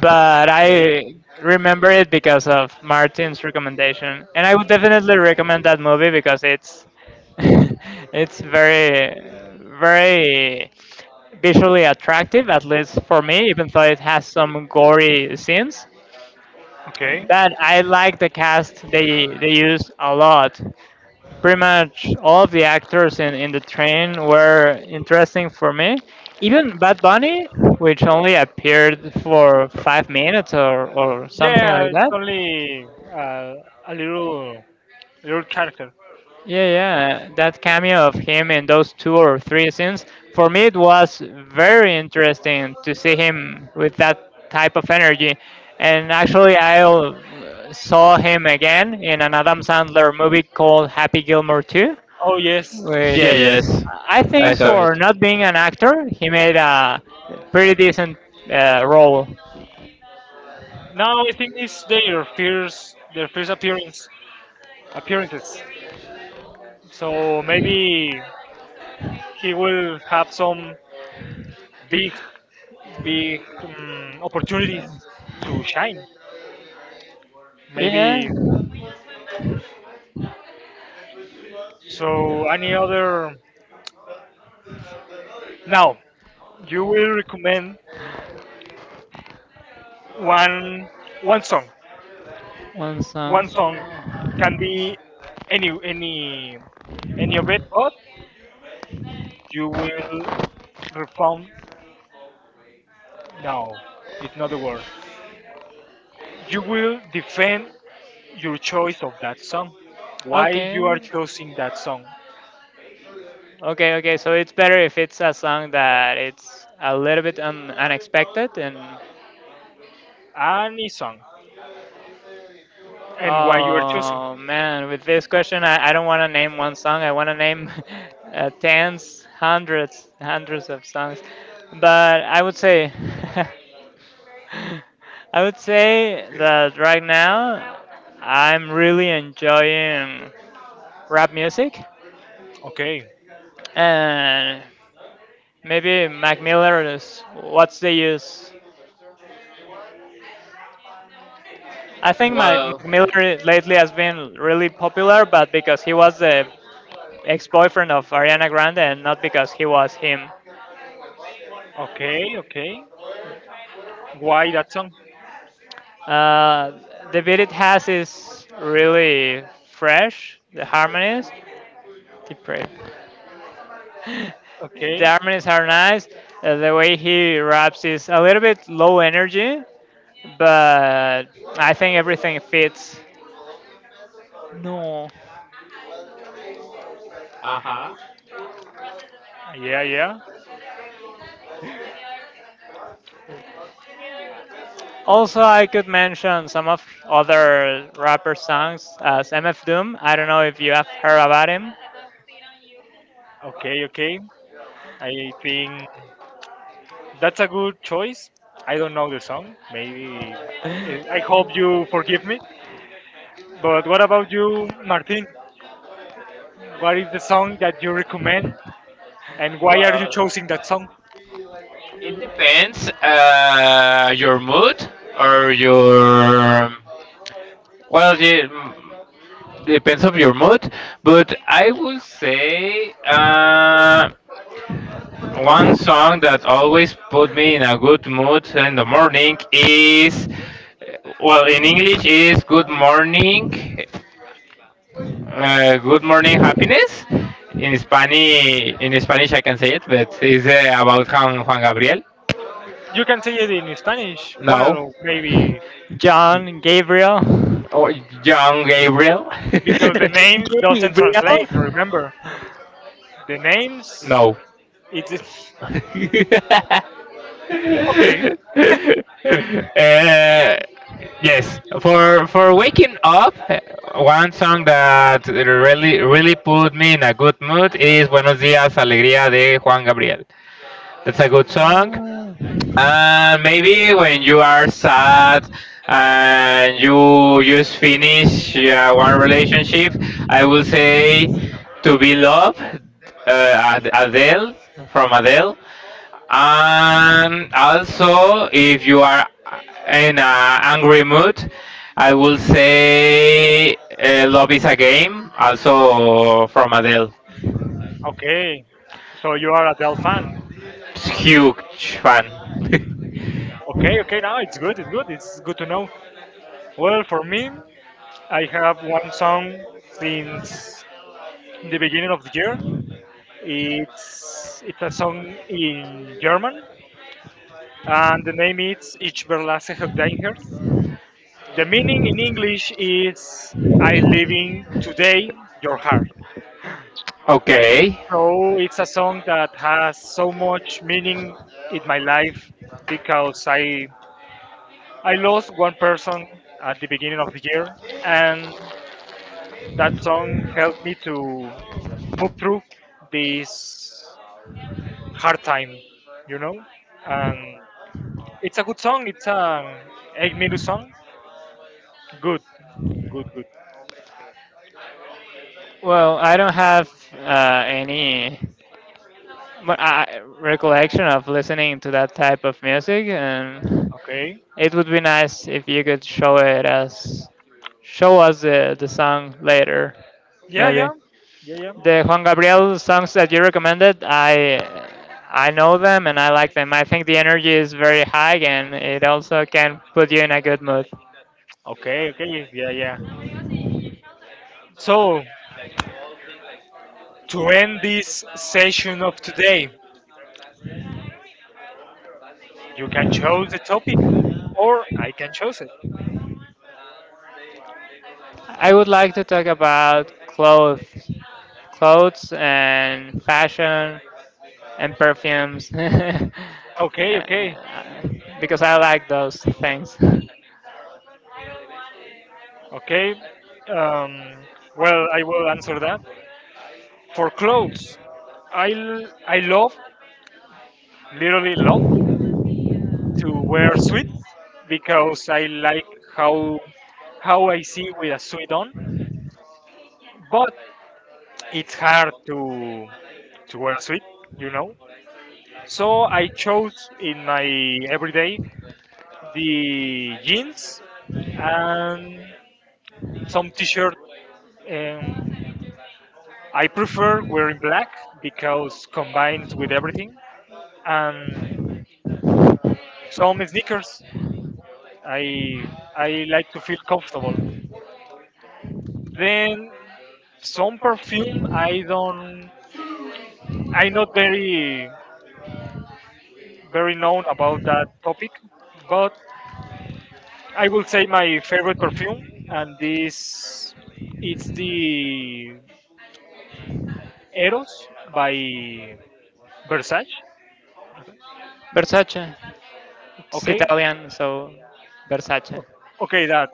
[SPEAKER 1] but
[SPEAKER 3] Okay,
[SPEAKER 1] I remember it because of Martin's recommendation, and I would definitely recommend that movie because it's it's very visually attractive, at least for me, even though it has some gory scenes.
[SPEAKER 3] okay.
[SPEAKER 1] But I like the cast; they use a lot pretty much all of the actors in the train were interesting for me. Even Bad Bunny, which only appeared for 5 minutes or something. Yeah,
[SPEAKER 3] Yeah,
[SPEAKER 1] like
[SPEAKER 3] it's
[SPEAKER 1] that.
[SPEAKER 3] only uh, a little, little character.
[SPEAKER 1] Yeah, yeah, that cameo of him in those two or three scenes, for me it was very interesting to see him with that type of energy. And actually, I saw him again in an Adam Sandler movie called Happy Gilmore 2,
[SPEAKER 3] Oh yes,
[SPEAKER 2] yeah,
[SPEAKER 3] yes.
[SPEAKER 1] which
[SPEAKER 2] yes,
[SPEAKER 1] I
[SPEAKER 2] I
[SPEAKER 1] think,
[SPEAKER 2] saw it.
[SPEAKER 1] for not being an actor, he made a pretty decent role.
[SPEAKER 3] No, I think it's their first appearance. Appearances. So maybe he will have some big, big opportunities to shine.
[SPEAKER 1] Yeah,
[SPEAKER 3] Maybe so. Any other now? You will recommend one one song.
[SPEAKER 1] one song.
[SPEAKER 3] One song can be any any of it, but you will refund. No, it's not the word. You will defend your choice of that song. Why
[SPEAKER 1] Okay.
[SPEAKER 3] you are choosing that song?
[SPEAKER 1] Okay, okay. So it's better if it's a song that it's a little bit unexpected. and
[SPEAKER 3] Any song.
[SPEAKER 1] and why
[SPEAKER 3] And why you
[SPEAKER 1] you
[SPEAKER 3] are choosing?
[SPEAKER 1] oh it. Man, with this question I don't want to name one song. I want to name tens, hundreds, hundreds of songs. But I would say I would say that right now I'm really enjoying rap music.
[SPEAKER 3] Okay.
[SPEAKER 1] And maybe Mac Miller is what's the use? I think my,
[SPEAKER 2] Well,
[SPEAKER 1] Mac Miller lately has been really popular, but because he was the ex-boyfriend of Ariana Grande, and not because he was him.
[SPEAKER 3] Okay, okay. Why that song?
[SPEAKER 1] Uh, the beat it has is really fresh. The harmonies, depraved.
[SPEAKER 3] Okay.
[SPEAKER 1] The harmonies are nice. The way he raps is a little bit low energy, but I think everything fits. No.
[SPEAKER 2] uh huh.
[SPEAKER 3] Yeah, yeah.
[SPEAKER 1] Also, I could mention some of other rapper songs as MF Doom. I don't know if you have heard about him.
[SPEAKER 3] Okay, okay. I think that's a good choice. I don't know the song. Maybe eh, I hope you forgive me. But what about you, Martin? What is the song that you recommend and why are you
[SPEAKER 2] Well,
[SPEAKER 3] choosing that song?
[SPEAKER 2] it depends your mood, or your, well, yeah, depends of your mood. But I will say one song that always put me in a good mood in the morning is, well, in English is "Good Morning," "Good Morning Happiness." In Spanish, I can say it, but it's about Juan Gabriel.
[SPEAKER 3] You can say it in Spanish.
[SPEAKER 2] No,
[SPEAKER 3] Well, maybe
[SPEAKER 1] John Gabriel.
[SPEAKER 2] or John Gabriel.
[SPEAKER 3] because the
[SPEAKER 1] John
[SPEAKER 3] name doesn't translate,
[SPEAKER 1] Gabriel.
[SPEAKER 3] remember. The names
[SPEAKER 2] No.
[SPEAKER 3] it's.
[SPEAKER 2] uh,
[SPEAKER 3] Okay,
[SPEAKER 2] yes, for waking up, one song that really really put me in a good mood is Buenos Días Alegría de Juan Gabriel. That's a good song.
[SPEAKER 1] Ah.
[SPEAKER 2] And maybe when you are sad and you just finish one relationship, I would say To Be Loved, Adele, from Adele. And also, if you are in an angry mood, I will say Love is a Game, also from Adele.
[SPEAKER 3] okay. So you are Adele fan.
[SPEAKER 2] Huge fan.
[SPEAKER 3] Okay, okay. Now it's good. It's good. It's good to know. Well, for me, I have one song since the beginning of the year. It's a song in German, and the name is Ich verlasse dein Herz. The meaning in English is I leaving today your heart.
[SPEAKER 2] Okay.
[SPEAKER 3] So it's a song that has so much meaning in my life because I lost one person at the beginning of the year, and that song helped me to move through this hard time, you know. And it's a good song. It's an 8 minute song. Good, good, good.
[SPEAKER 2] I really
[SPEAKER 1] Well, I
[SPEAKER 2] appreciate
[SPEAKER 1] don't have
[SPEAKER 2] you shared that with us.
[SPEAKER 1] any, but I, recollection of listening to that type of music, and
[SPEAKER 3] Okay.
[SPEAKER 2] Super
[SPEAKER 1] it would be nice if you could show it as show us the song later,
[SPEAKER 3] Yeah,
[SPEAKER 1] maybe.
[SPEAKER 3] yeah, yeah, yeah.
[SPEAKER 1] The Juan Gabriel songs that you recommended, I know them and I like them. I think the energy is very high, and it also can
[SPEAKER 2] high.
[SPEAKER 1] put you in a good mood.
[SPEAKER 3] Okay, okay, yeah, yeah.
[SPEAKER 2] Yes. And also, Danny,
[SPEAKER 3] So
[SPEAKER 2] I sorry to hear that.
[SPEAKER 3] to end this session of today,
[SPEAKER 2] Uh huh.
[SPEAKER 3] you can
[SPEAKER 2] Tell me
[SPEAKER 3] choose the topic, or I can choose it.
[SPEAKER 2] what topic.
[SPEAKER 1] I would like to talk about
[SPEAKER 2] Hello?
[SPEAKER 1] clothes, clothes and fashion, and perfumes. Uh,
[SPEAKER 3] Okay, okay.
[SPEAKER 2] Okay.
[SPEAKER 1] because I like those things.
[SPEAKER 3] Okay. Um, well, I will answer that. For clothes, I love, literally love, to wear sweats because I like how how I see with a sweat on. But it's hard to wear a suit, you know. So
[SPEAKER 2] Yes,
[SPEAKER 3] I chose in my everyday the jeans and some t-shirt. Um, I prefer wearing black because combined with everything, and some sneakers. I I like to feel comfortable. Then some perfume. I don't. I'm not very known about that topic, but I will say my favorite perfume, and this it's the Eros by Versace.
[SPEAKER 2] yes.
[SPEAKER 1] Versace, it's
[SPEAKER 3] Okay,
[SPEAKER 1] Italian,
[SPEAKER 2] Versace,
[SPEAKER 1] so Versace.
[SPEAKER 3] okay,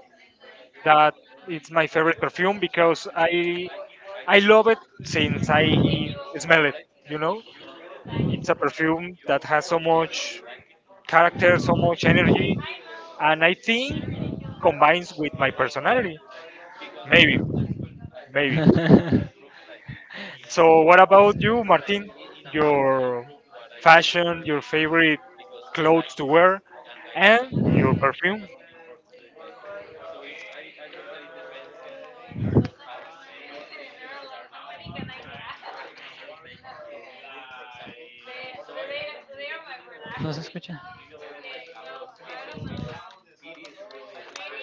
[SPEAKER 3] that it's my favorite perfume because I love it since I smell it. You know, it's a perfume that has so much character, so much energy, and I think combines with my personality. Maybe, maybe.
[SPEAKER 2] maybe.
[SPEAKER 3] So, what about you, Martin? Your fashion, your favorite clothes to wear, and your perfume.
[SPEAKER 2] Okay. I would say that now on I am wearing like don't say hurt.
[SPEAKER 1] ¿No se escucha?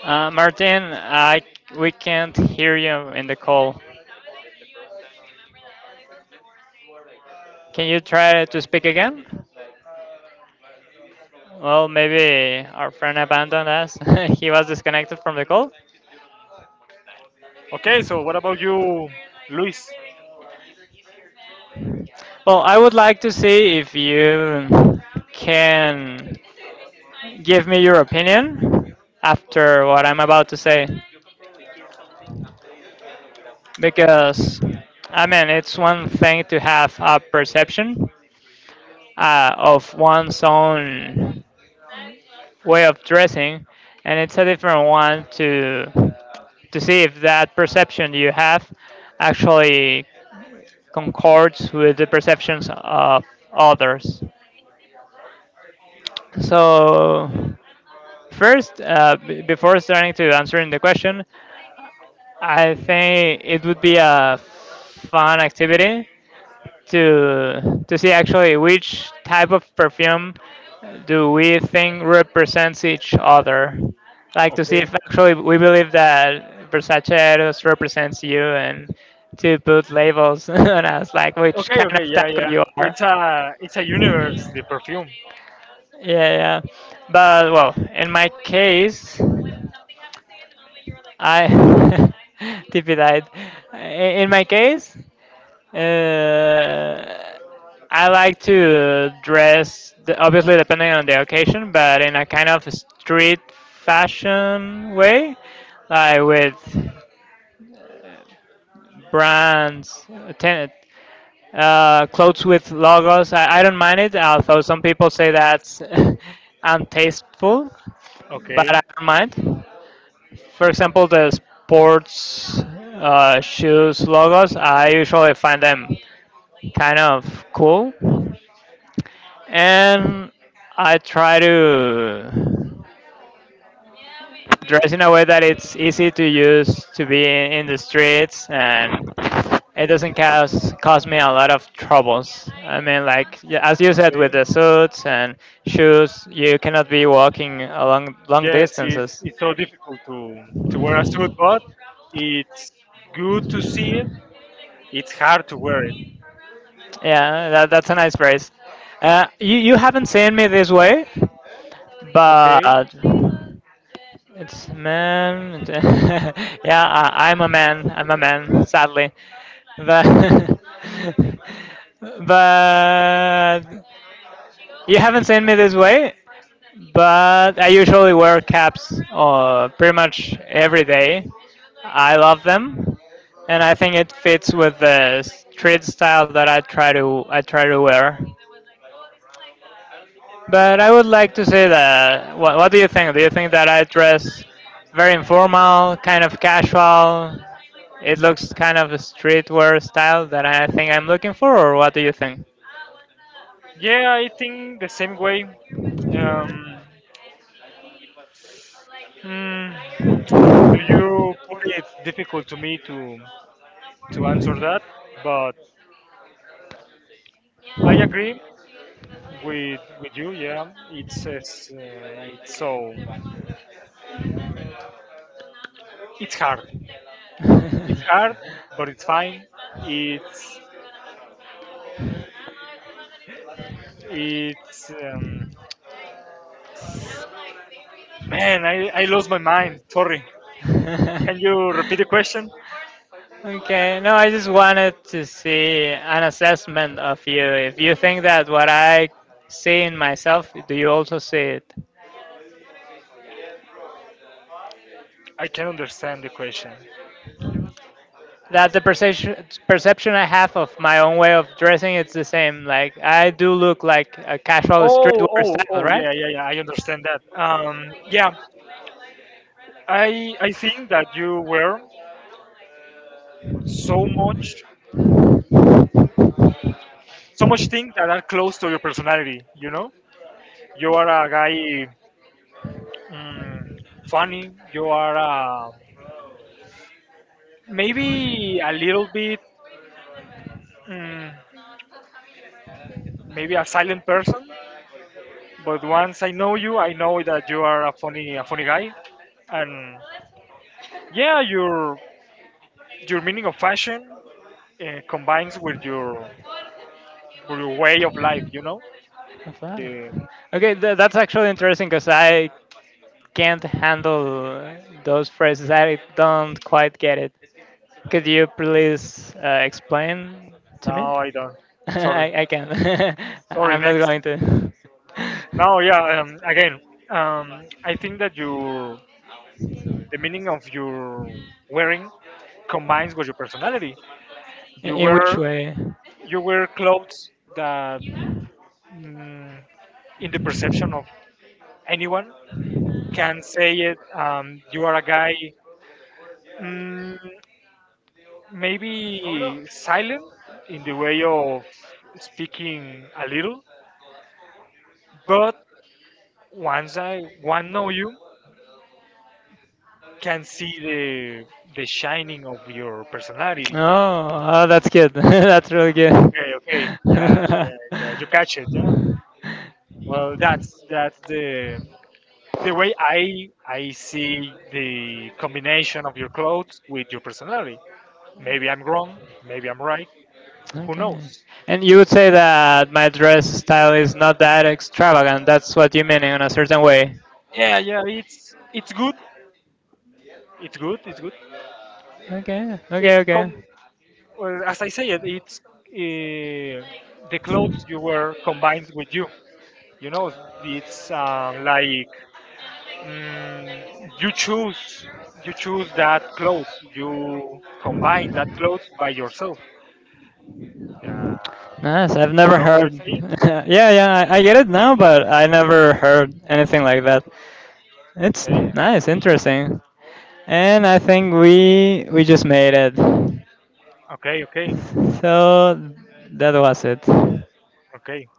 [SPEAKER 1] Martin, I we can't hear you in the call. Can you try to speak again? Well, maybe our friend abandoned us. He was disconnected from the call.
[SPEAKER 2] No.
[SPEAKER 3] Okay, so what about you, Luis?
[SPEAKER 1] Well, I would like to see if you can give me your opinion after what I'm about to say,
[SPEAKER 2] Wow, wow, wow, wow, wow, wow, wow, wow, wow, wow. Wow.
[SPEAKER 1] because I mean it's one thing
[SPEAKER 2] Testing,
[SPEAKER 1] to have
[SPEAKER 2] testing,
[SPEAKER 1] a
[SPEAKER 2] testing,
[SPEAKER 1] perception
[SPEAKER 2] testing, testing.
[SPEAKER 1] of one's own way of dressing, and it's a different one to see if that perception you have actually concords with the perceptions of others. So, first, before starting to answering the question, I think it would be a fun activity to see actually which type of perfume do we think represents each other. Like to see
[SPEAKER 3] Okay,
[SPEAKER 1] if actually we believe that Versace Eros represents you, and to put labels on us, like which
[SPEAKER 3] okay,
[SPEAKER 1] kind
[SPEAKER 3] okay,
[SPEAKER 1] of
[SPEAKER 3] yeah,
[SPEAKER 1] taco
[SPEAKER 3] yeah.
[SPEAKER 1] you are.
[SPEAKER 3] It's a universe, the perfume.
[SPEAKER 1] Yeah, yeah. But well, in my case, I tip it died. In my case. Uh, I like to dress, the, obviously depending on the occasion, but in a kind of street fashion way, like with brands, ten, clothes with logos. I don't mind it, although some people say that's untasteful,
[SPEAKER 3] Okay,
[SPEAKER 1] but I don't mind. For example, the sports shoes logos, I usually find them kind of cool, and I try to dress in a way that it's easy to use to be in the streets and it doesn't cause me a lot of troubles. I mean, like yeah, as you said, with
[SPEAKER 3] okay.
[SPEAKER 1] the suits and shoes, you cannot be walking along long
[SPEAKER 3] Yes,
[SPEAKER 1] distances.
[SPEAKER 3] it's so difficult to wear a suit, but it's good to see it. It's hard to wear it.
[SPEAKER 1] Yeah, that, that's a nice phrase. You you haven't seen me this way,
[SPEAKER 3] Okay.
[SPEAKER 1] but. It's a man. Yeah, I'm a man. I'm a man, sadly. But, but you haven't seen me this way. But I usually wear caps pretty much every day. I love them, and I think it fits with the street style that I try to wear. But I would like to say that what do you think? Do you think that I dress very informal, kind of casual? It looks kind of a streetwear style that I think I'm looking for, or what do you think?
[SPEAKER 3] Yeah, I think the same way. Um, hmm, do you. It's difficult to me to answer that? But I agree with you. Yeah, it's so it's hard. It's hard, but it's fine. It's it's man, I lost my mind. Sorry. Can you repeat the question?
[SPEAKER 1] Okay, no, I just wanted to see an assessment of you. If you think that what I see in myself, do you also see it?
[SPEAKER 3] I can understand the question.
[SPEAKER 1] That the perception I have of my own way of dressing it's the same. Like I do look like a casual
[SPEAKER 3] Oh,
[SPEAKER 1] streetwear
[SPEAKER 3] oh,
[SPEAKER 1] style,
[SPEAKER 3] oh,
[SPEAKER 1] right?
[SPEAKER 3] yeah, yeah, yeah. I understand that. Yeah, I think that you wear so much, so much things that are close to your personality. You know, you are a guy mm, funny. You are a, maybe a little bit, mm, maybe a silent person. But once I know you, I know that you are a funny guy. And yeah, your meaning of fashion, combines with your way of life. You know
[SPEAKER 1] I thought
[SPEAKER 3] the
[SPEAKER 1] it. Okay, that's actually interesting because I can't handle those phrases. I don't quite get it. Could you please explain to me?
[SPEAKER 3] no, I don't. Sorry,
[SPEAKER 1] I can.
[SPEAKER 3] sorry.
[SPEAKER 1] I'm not
[SPEAKER 3] Next.
[SPEAKER 1] going to.
[SPEAKER 3] No, yeah. Again, I think that your the meaning of your wearing combines with your personality. You
[SPEAKER 1] In which
[SPEAKER 3] wear
[SPEAKER 1] way?
[SPEAKER 3] you wear clothes that, mm, in the perception of anyone, can say it. You are a guy. Mm, maybe silent in the way of speaking a little, but once I one know you can see the
[SPEAKER 2] Mm,
[SPEAKER 3] shining
[SPEAKER 2] mm,
[SPEAKER 3] of
[SPEAKER 2] mm.
[SPEAKER 3] your
[SPEAKER 2] Hi, hi,
[SPEAKER 3] personality.
[SPEAKER 2] hi,
[SPEAKER 1] Oh, oh that's good. That's really good.
[SPEAKER 3] Okay, okay, yeah,
[SPEAKER 1] Okay.
[SPEAKER 3] yeah, yeah.
[SPEAKER 2] hi,
[SPEAKER 3] You
[SPEAKER 2] hi,
[SPEAKER 3] catch
[SPEAKER 2] hi,
[SPEAKER 3] it,
[SPEAKER 2] hi,
[SPEAKER 3] yeah.
[SPEAKER 2] hi, hi.
[SPEAKER 3] Well, that's that the way I see the combination of your clothes with your personality. Maybe I'm wrong. Maybe I'm right. Who knows?
[SPEAKER 1] And you would say that my dress style is not that extravagant. That's what you mean in a certain way.
[SPEAKER 3] Yeah, yeah. It's good. It's good. It's good.
[SPEAKER 1] Okay,
[SPEAKER 3] It
[SPEAKER 1] okay,
[SPEAKER 3] com,
[SPEAKER 1] okay.
[SPEAKER 3] well, as I say it. It's uh, the clothes you wear combined with you. You know, it's like mm, you choose you choose that clothes. You combine that clothes by yourself. Uh,
[SPEAKER 1] Nice. I've
[SPEAKER 3] you
[SPEAKER 1] never
[SPEAKER 3] know what
[SPEAKER 1] heard.
[SPEAKER 3] I'm
[SPEAKER 1] Yeah, yeah, I get it now, but I never heard anything like that. It's
[SPEAKER 3] saying? Okay,
[SPEAKER 1] nice, interesting, and I think we just made it.
[SPEAKER 3] okay, okay,
[SPEAKER 1] So that was it.
[SPEAKER 3] okay.